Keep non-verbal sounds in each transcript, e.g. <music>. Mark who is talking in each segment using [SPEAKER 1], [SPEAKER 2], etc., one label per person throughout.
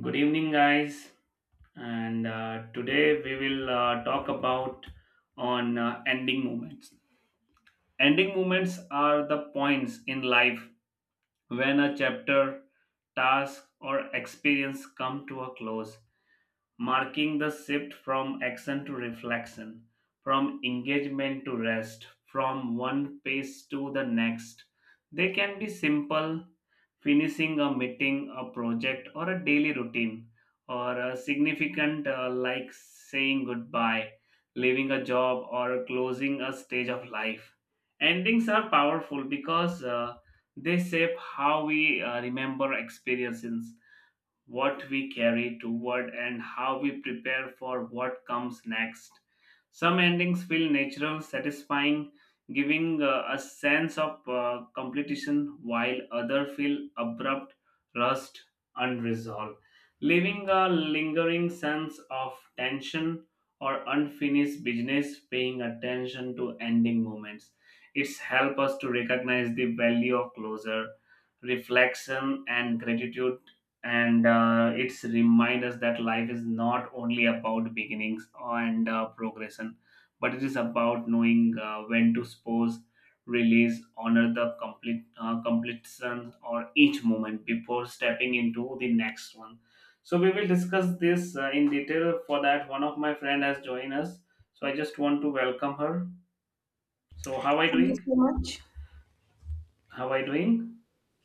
[SPEAKER 1] Good evening, guys. And today we will talk about on ending moments. Ending moments are the points in life when a chapter, task, or experience come to a close, marking the shift from action to reflection, from engagement to rest, from one pace to the next. They can be simple, finishing a meeting, a project, or a daily routine, or a significant, like saying goodbye, leaving a job, or closing a stage of life. Endings are powerful because they shape how we remember experiences, what we carry toward, and how we prepare for what comes next. Some endings feel natural, satisfying, giving a sense of completion, while others feel abrupt, rushed, unresolved, leaving a lingering sense of tension or unfinished business. Paying attention to ending moments, it's help us to recognize the value of closure, reflection, and gratitude, and it's remind us that life is not only about beginnings and progression, but it is about knowing when to pause, release, honor the complete completion or each moment before stepping into the next one. So we will discuss this in detail. For that, one of my friend has joined us, so I just want to welcome her. So how are you
[SPEAKER 2] Thank
[SPEAKER 1] doing?
[SPEAKER 2] you so much.
[SPEAKER 1] How are you doing?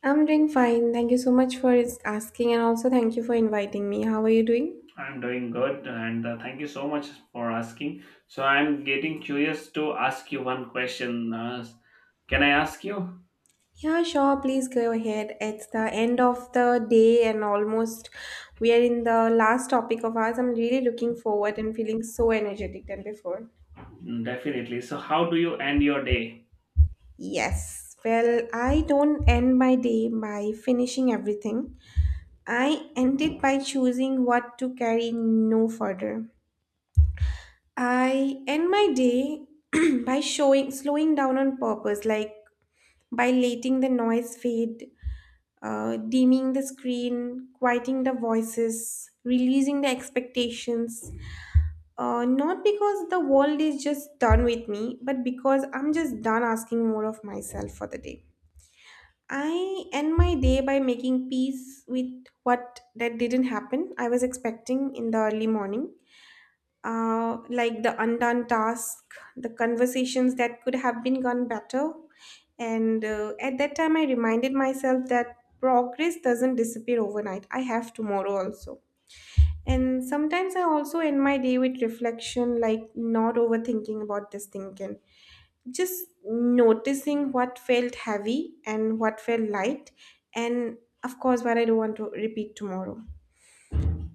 [SPEAKER 2] I'm doing fine. Thank you so much for asking, and also thank you for inviting me. How are you doing?
[SPEAKER 1] I'm doing good, and thank you so much for asking. So I'm getting curious to ask you one question. Can I ask you?
[SPEAKER 2] Yeah, sure. Please go ahead. It's the end of the day, and almost we are in the last topic of ours. I'm really looking forward and feeling so energetic than before.
[SPEAKER 1] Mm, definitely. So how do you end your day?
[SPEAKER 2] Yes. Well, I don't end my day by finishing everything. I end it by choosing what to carry no further. I end my day <clears throat> by showing slowing down on purpose, like by letting the noise fade, dimming the screen, quieting the voices, releasing the expectations. Not because the world is just done with me, but because I'm just done asking more of myself for the day. I end my day by making peace with what that didn't happen I was expecting in the early morning, like the undone task, the conversations that could have been gone better. And at that time, I reminded myself that progress doesn't disappear overnight. I have tomorrow also. And sometimes I also end my day with reflection, like not overthinking about this thinking, just noticing what felt heavy and what felt light. And of course, what I don't want to repeat tomorrow.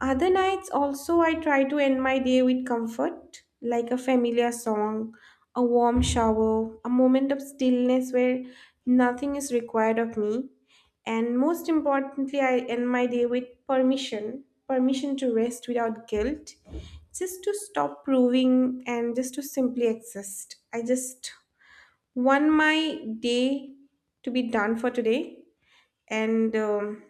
[SPEAKER 2] Other nights, also, I try to end my day with comfort, like a familiar song, a warm shower, a moment of stillness where nothing is required of me. And most importantly, I end my day with permission to rest without guilt, just to stop proving and just to simply exist. I just want my day to be done for today. And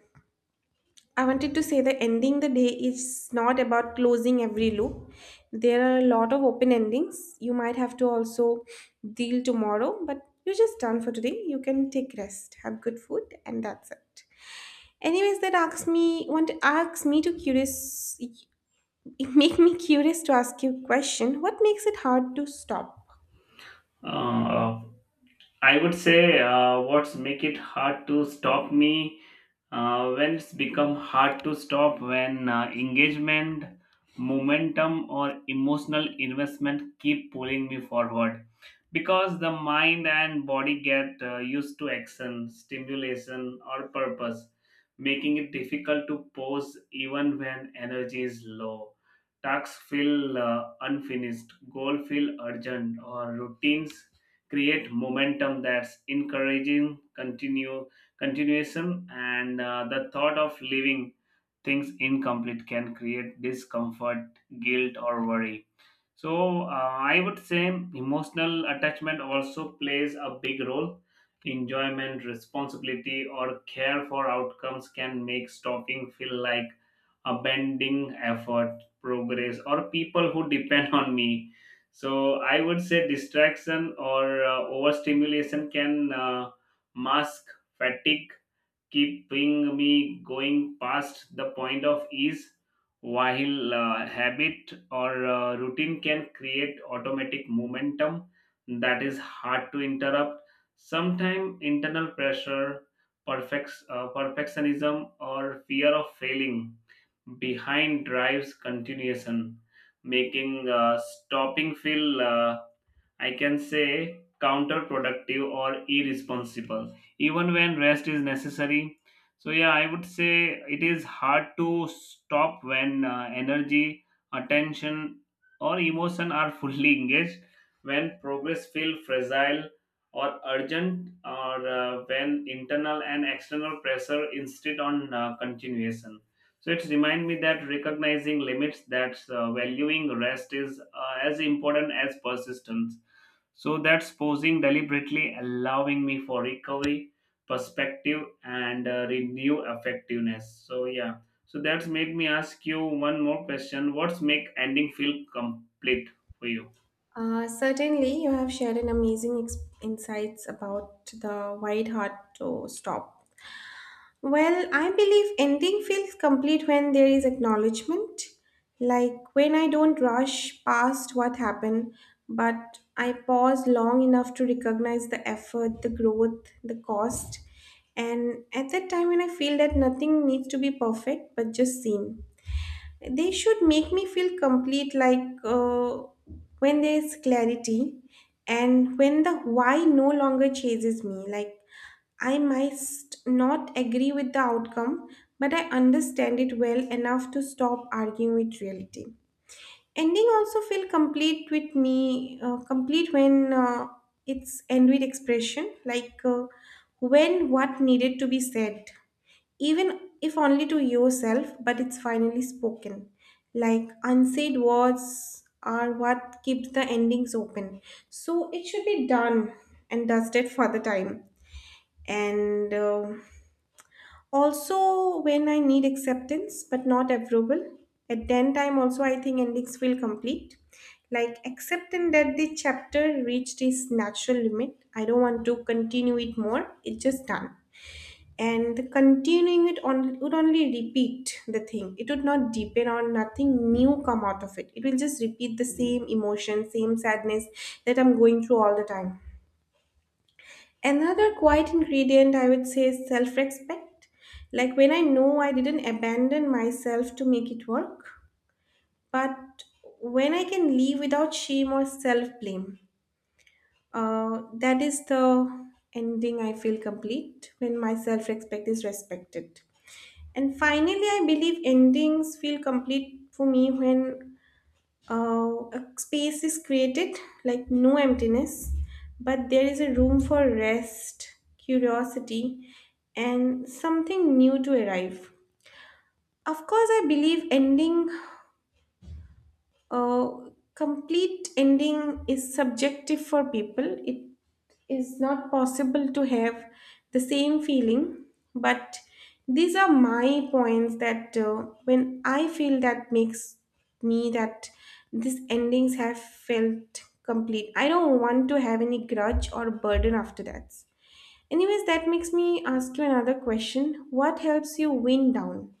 [SPEAKER 2] I wanted to say that ending the day is not about closing every loop. There are a lot of open endings. You might have to also deal tomorrow, but you're just done for today. You can take rest, have good food, and that's it. Anyways, that asks me want to ask me to curious <laughs> it make me curious to ask you a question. What makes it hard to stop?
[SPEAKER 1] Uh, I would say what's make it hard to stop me, when it's become hard to stop when engagement, momentum, or emotional investment keep pulling me forward. Because the mind and body get used to action, stimulation, or purpose, making it difficult to pause even when energy is low. Tasks feel unfinished, goals feel urgent, or routines create momentum that's encouraging continue continuation, and the thought of leaving things incomplete can create discomfort, guilt, or worry. So I would say emotional attachment also plays a big role. Enjoyment, responsibility, or care for outcomes can make stopping feel like a bending effort, progress, or people who depend on me. So I would say distraction or overstimulation can mask fatigue, keeping me going past the point of ease, while habit or routine can create automatic momentum that is hard to interrupt. Sometimes internal pressure, perfectionism or fear of failing behind drives continuation, making stopping feel I can say counterproductive or irresponsible, even when rest is necessary. So, yeah, I would say it is hard to stop when energy, attention, or emotion are fully <laughs> engaged, when progress feel fragile or urgent, or when internal and external pressure insist on continuation. So it's remind me that recognizing limits, that valuing rest is as important as persistence, so that's posing deliberately, allowing me for recovery, perspective, and renew effectiveness. So yeah, so that's made me ask you one more question. What's make ending feel complete for you?
[SPEAKER 2] Certainly, you have shared an amazing insights about the why it hard to stop. Well, I believe ending feels complete when there is acknowledgement. Like when I don't rush past what happened, but I pause long enough to recognize the effort, the growth, the cost. And at that time, when I feel that nothing needs to be perfect but just seen, they should make me feel complete, like when there's clarity and when the why no longer chases me, like I must not agree with the outcome, but I understand it well enough to stop arguing with reality. Ending also feel complete with me, complete when it's end with expression, like when what needed to be said, even if only to yourself, but it's finally spoken. Like unsaid words are what keeps the endings open. So it should be done and dusted for the time. And also when I need acceptance but not approval, at then time also I think endings feel complete. Like accepting that the chapter reached its natural limit. I don't want to continue it more. It's just done, and the continuing it on would only repeat the thing. It would not deepen or nothing new come out of it. It will just repeat the same emotion, same sadness that I'm going through all the time. Another quiet ingredient I would say is self-respect, like when I know I didn't abandon myself to make it work, but when I can leave without shame or self-blame, that is the ending. I feel complete when my self-respect is respected. And finally, I believe endings feel complete for me when a space is created, like no emptiness, but there is a room for rest, curiosity, and something new to arrive. Of course, I believe ending, uh, complete ending is subjective for people. It is not possible to have the same feeling, but these are my points that, when I feel that, makes me that these endings have felt complete. I don't want to have any grudge or burden after that. Anyways, that makes me ask you another question: what helps you wind down?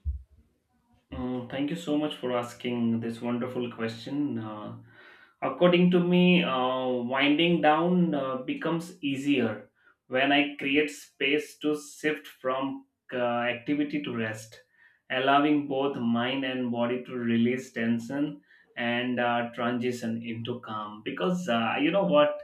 [SPEAKER 1] Mm, thank you so much for asking this wonderful question. According to me, winding down becomes easier when I create space to shift from activity to rest, allowing both mind and body to release tension and transition into calm. Because you know what?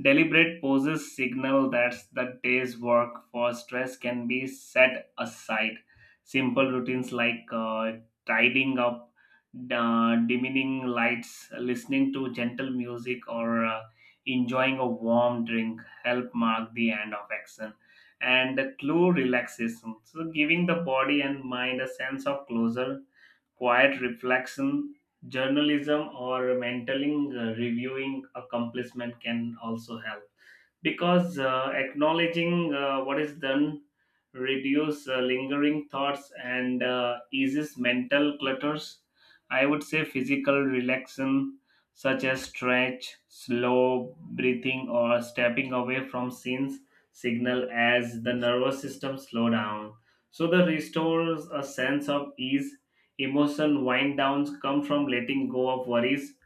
[SPEAKER 1] Deliberate pauses signal that the day's work for stress can be set aside. Simple routines like tidying up, dimming lights, listening to gentle music, or enjoying a warm drink help mark the end of action. And the clue relaxation. So, giving the body and mind a sense of closure, quiet reflection, journalism, or mentoring, reviewing accomplishment can also help, because acknowledging what is done reduce lingering thoughts and eases mental clutters. I would say physical relaxation, such as stretch, slow breathing, or stepping away from scenes, signal as the nervous system slow down. So the restores a sense of ease. Emotional wind downs come from letting go of worries,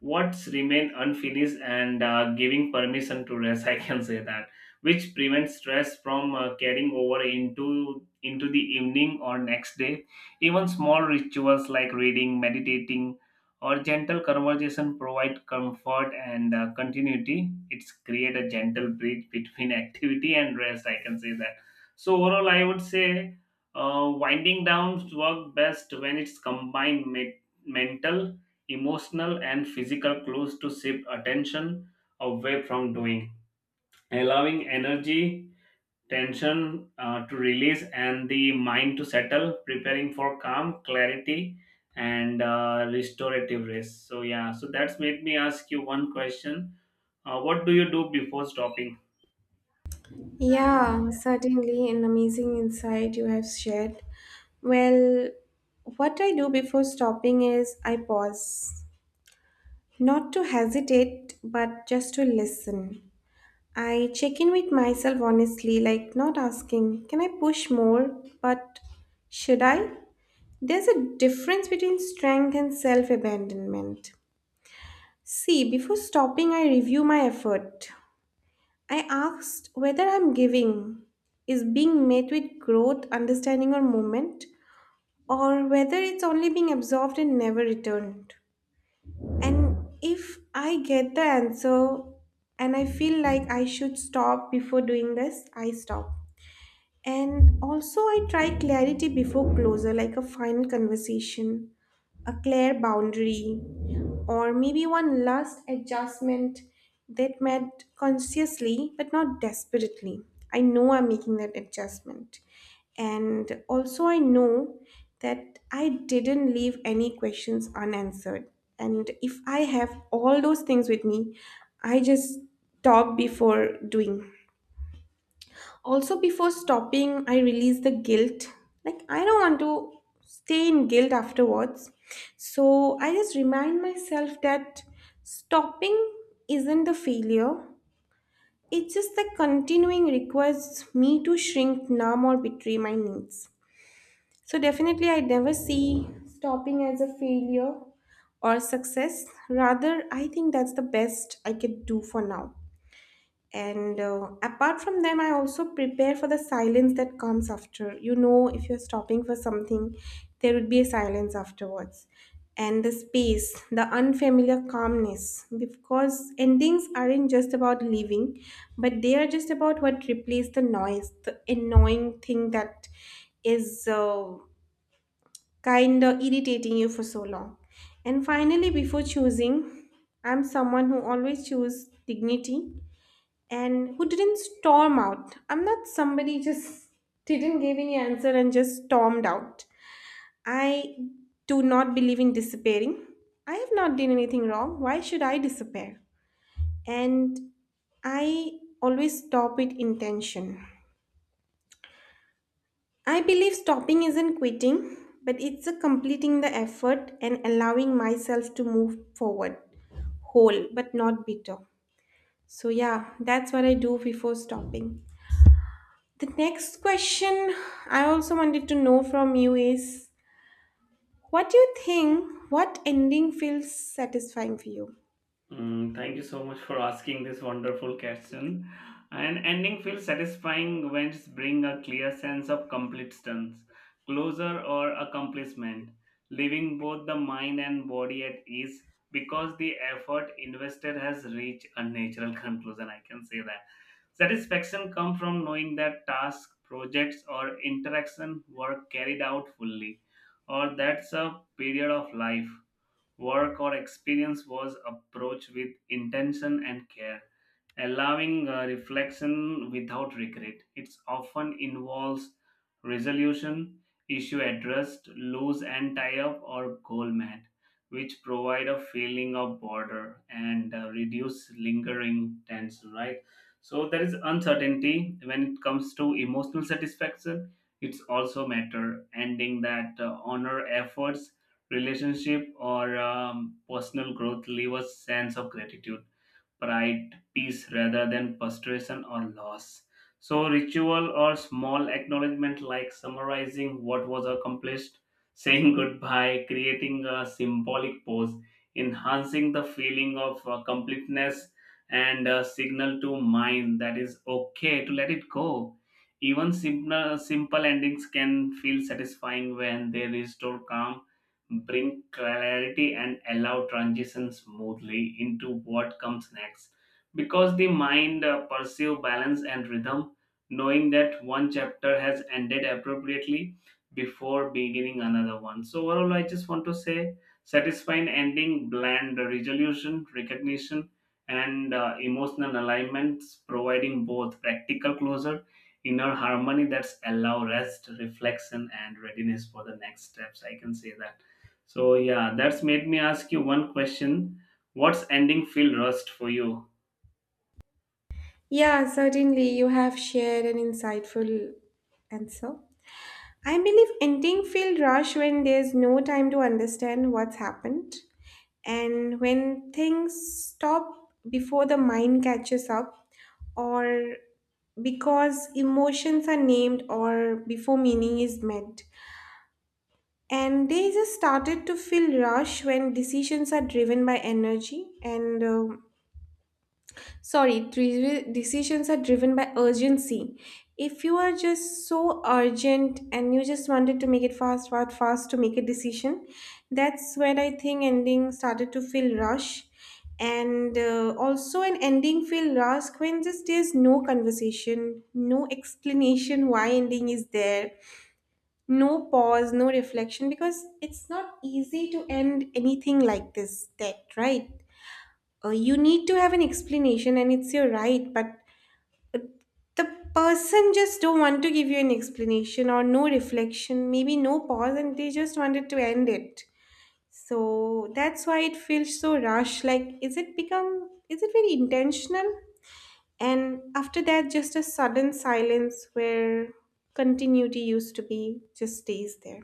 [SPEAKER 1] what's remain unfinished, and giving permission to rest, <laughs> I can say that, which prevents stress from carrying over into the evening or next day. Even small rituals like reading, meditating, or gentle conversation provide comfort and continuity. It's create a gentle bridge between <laughs> activity and rest, I can say that. So overall, I would say winding down work best when it's combined with mental, emotional, and physical clues to shift attention away from doing, allowing energy, tension to release, and the mind to settle, preparing for calm, clarity, and restorative rest. So, yeah, so that's made me ask you one question. What do you do before stopping?
[SPEAKER 2] Yeah, certainly an amazing insight you have shared. Well, what I do before stopping is I pause. Not to hesitate, but just to listen. I check in with myself honestly, like not asking, can I push more? But should I? There's a difference between strength and self abandonment. See, before stopping, I review my effort. I asked whether I'm giving is being met with growth, understanding, or movement, or whether it's only being absorbed and never returned. And if I get the answer and I feel like I should stop before doing this, I stop. And also, I try clarity before closure, like a final conversation, a clear boundary, or maybe one last adjustment that met consciously but not desperately. I know I'm making that adjustment. And also, I know that I didn't leave any questions unanswered. And if I have all those things with me, I just stop before doing. Also, before stopping, I release the guilt. Like, I don't want to stay in guilt afterwards. So, I just remind myself that stopping isn't the failure, it's just that continuing requires me to shrink, numb, or betray my needs. So, definitely, I never see stopping as a failure or success. Rather, I think that's the best I could do for now, and apart from them I also prepare for the silence that comes after, you know, if you're stopping for something, there would be a silence afterwards, and the space, the unfamiliar calmness, because endings aren't just about leaving, but they are just about what replaces the noise, the annoying thing that is kind of irritating you for so long. And finally, before choosing, I'm someone who always choose dignity and who didn't storm out. I'm not somebody just didn't give any answer and just stormed out. I do not believe in disappearing. I have not done anything wrong. Why should I disappear? And I always stop with intention. I believe stopping isn't quitting, but it's a completing the effort and allowing myself to move forward whole but not bitter. So, yeah, that's what I do before stopping. The next question I also wanted to know from you is what do you think what ending feels satisfying for you?
[SPEAKER 1] Mm, thank you so much for asking this wonderful question. An ending feels satisfying when it brings a clear sense of completeness, closure, or accomplishment, leaving both the mind and body at ease, because the effort invested has reached a natural <laughs> conclusion. I can say that. Satisfaction comes from knowing that tasks, projects, or interaction were carried out fully, or that's a period of life, work, or experience was approached with intention and care, allowing reflection without regret. It often involves resolution, issue addressed, loose and tie up, or goal met, which provide a feeling of border and reduce lingering tension, right? So there is uncertainty when it comes to emotional satisfaction. It's also matter ending that honor efforts, relationship, or personal growth leave a sense of gratitude, pride, peace rather than frustration or loss. So, ritual or small acknowledgement like summarizing what was accomplished, <laughs> saying goodbye, creating a symbolic pose, enhancing the feeling of completeness, and a signal to mind that is okay to let it go. Even simple, simple endings can feel satisfying when they restore calm, bring clarity, and allow transition smoothly into what comes next, because the mind pursue balance and rhythm, knowing that one chapter has ended appropriately before beginning another one. So overall, I just want to say satisfying ending bland resolution, recognition, and emotional alignments, providing both practical closure, inner harmony that's allow rest, reflection, and readiness for the next steps, I can say that. So yeah, that's made me ask you one question. What's ending feel rushed for you?
[SPEAKER 2] Yeah, certainly you have shared an insightful answer. I believe ending feel rush when there's no time to understand what's happened and when things stop before the mind catches up, or because emotions are named or before meaning is meant. And they just started to feel rush when decisions are driven by energy and decisions are driven by urgency. If you are just so urgent and you just wanted to make it fast, fast, fast to make a decision, that's when I think ending started to feel rush. And also, an ending feel rush when just there's no conversation, no explanation why ending is there, no pause, no reflection, because it's not easy to end anything like this debt, right? You need to have an explanation, and it's your right, but the person just don't want to give you an explanation or no reflection, maybe no pause, and they just wanted to end it. So that's why it feels so rushed. Like, is it become? Is it very intentional? And after that, just a sudden silence where continuity used to be just stays there.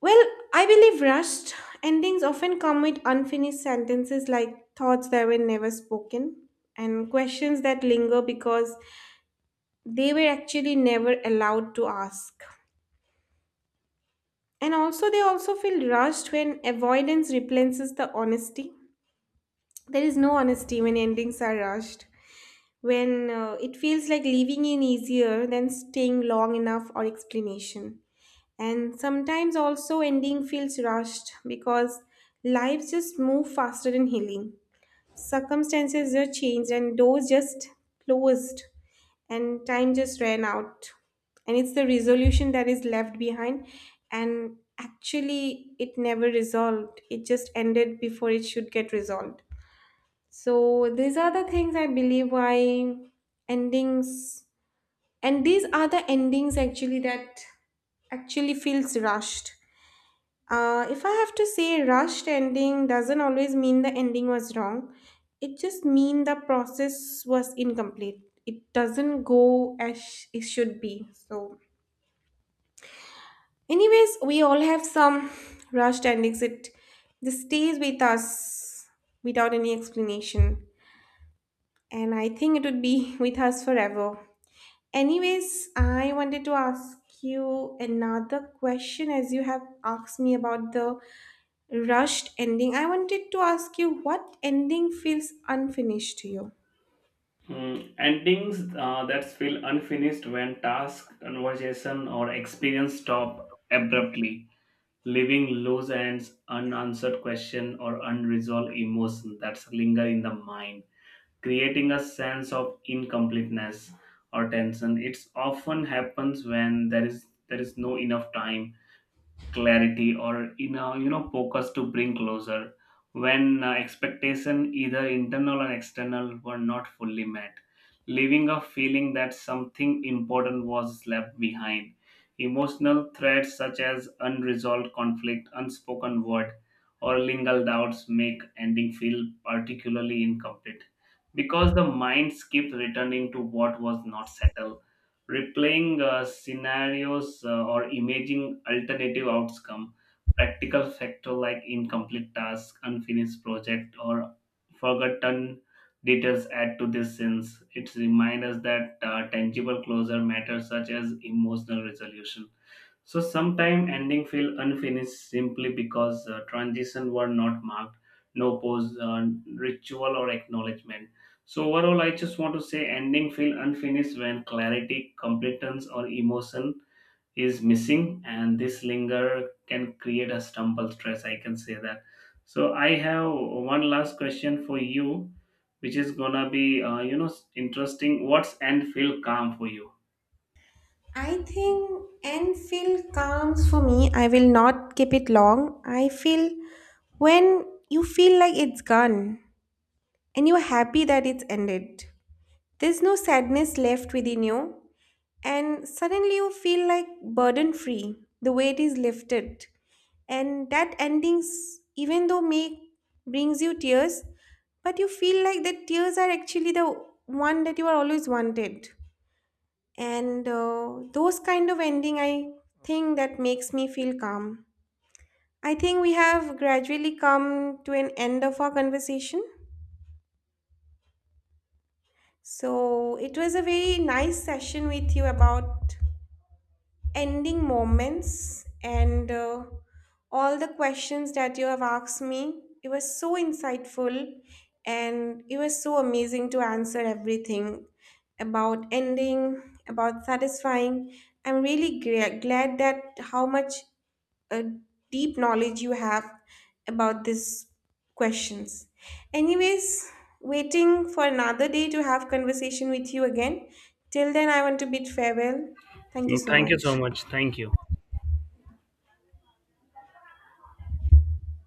[SPEAKER 2] Well, I believe rushed endings often come with unfinished sentences, like thoughts that were never spoken and questions that linger because they were actually never allowed to ask. And also, they also feel rushed when avoidance replaces the honesty. There is no honesty when endings are rushed, when it feels like leaving in easier than staying long enough or explanation. And sometimes also ending feels rushed because lives just move faster than healing. Circumstances are changed and doors just closed and time just ran out, and it's the resolution that is left behind, and actually it never resolved. It just ended before it should get resolved. So these are the things I believe why endings, and these are the endings actually that actually feels rushed. If I have to say rushed ending doesn't always mean the ending was wrong. It just mean the process was incomplete. It doesn't go as it should be. So anyways, we all have some rushed endings. It this stays with us without any explanation. And I think it would be <laughs> with us forever. Anyways, I wanted to ask you another question, as you have asked me about the rushed ending. I wanted to ask you what ending feels unfinished to you?
[SPEAKER 1] Mm, endings that feel unfinished when task, conversation, or experience stop abruptly, leaving loose ends, unanswered question, or unresolved emotion that linger in the mind, creating a sense of incompleteness or tension. It often happens when there is no enough time, clarity, or inner focus to bring closer when expectation either internal or external were not fully met, leaving a feeling that something important was left behind. Emotional threats such as unresolved conflict, unspoken word, or lingual doubts make ending feel particularly incomplete, because the minds keep returning to what was not settled, replaying scenarios, or imaging alternative outcome. Practical factor like incomplete task, unfinished project, or forgotten details add to this sense. It reminds us that tangible closure matters, such as emotional resolution. So sometime ending feel unfinished simply because transition were not marked, no pose, ritual or acknowledgement. So overall, I just want to say ending feel unfinished when clarity, completeness, or emotion is missing, and this linger can create a stumble stress. I can say that. So I have one last question for you, which is gonna be interesting. What's end feel calm for you?
[SPEAKER 2] I think end feel comes for me. I will not keep it long. I feel when you feel like it's gone and you're happy that it's ended. There's no sadness left within you, and suddenly you feel like burden free, the weight is lifted, and that endings even though may brings you tears, but you feel like the tears are actually the one that you are always wanted. And those kind of ending I think that makes me feel calm. I think we have gradually come to an end of our conversation. So it was a very nice session with you about ending moments and all the questions that you have asked me. It was so insightful, and it was so amazing to answer everything about ending, about satisfying. I'm really glad that how much uh, deep knowledge you have about these questions. Anyways, waiting for another day to have conversation with you again. Till then, I want to bid farewell. Thank you so
[SPEAKER 1] Thank you so
[SPEAKER 2] much.
[SPEAKER 1] much. Thank you.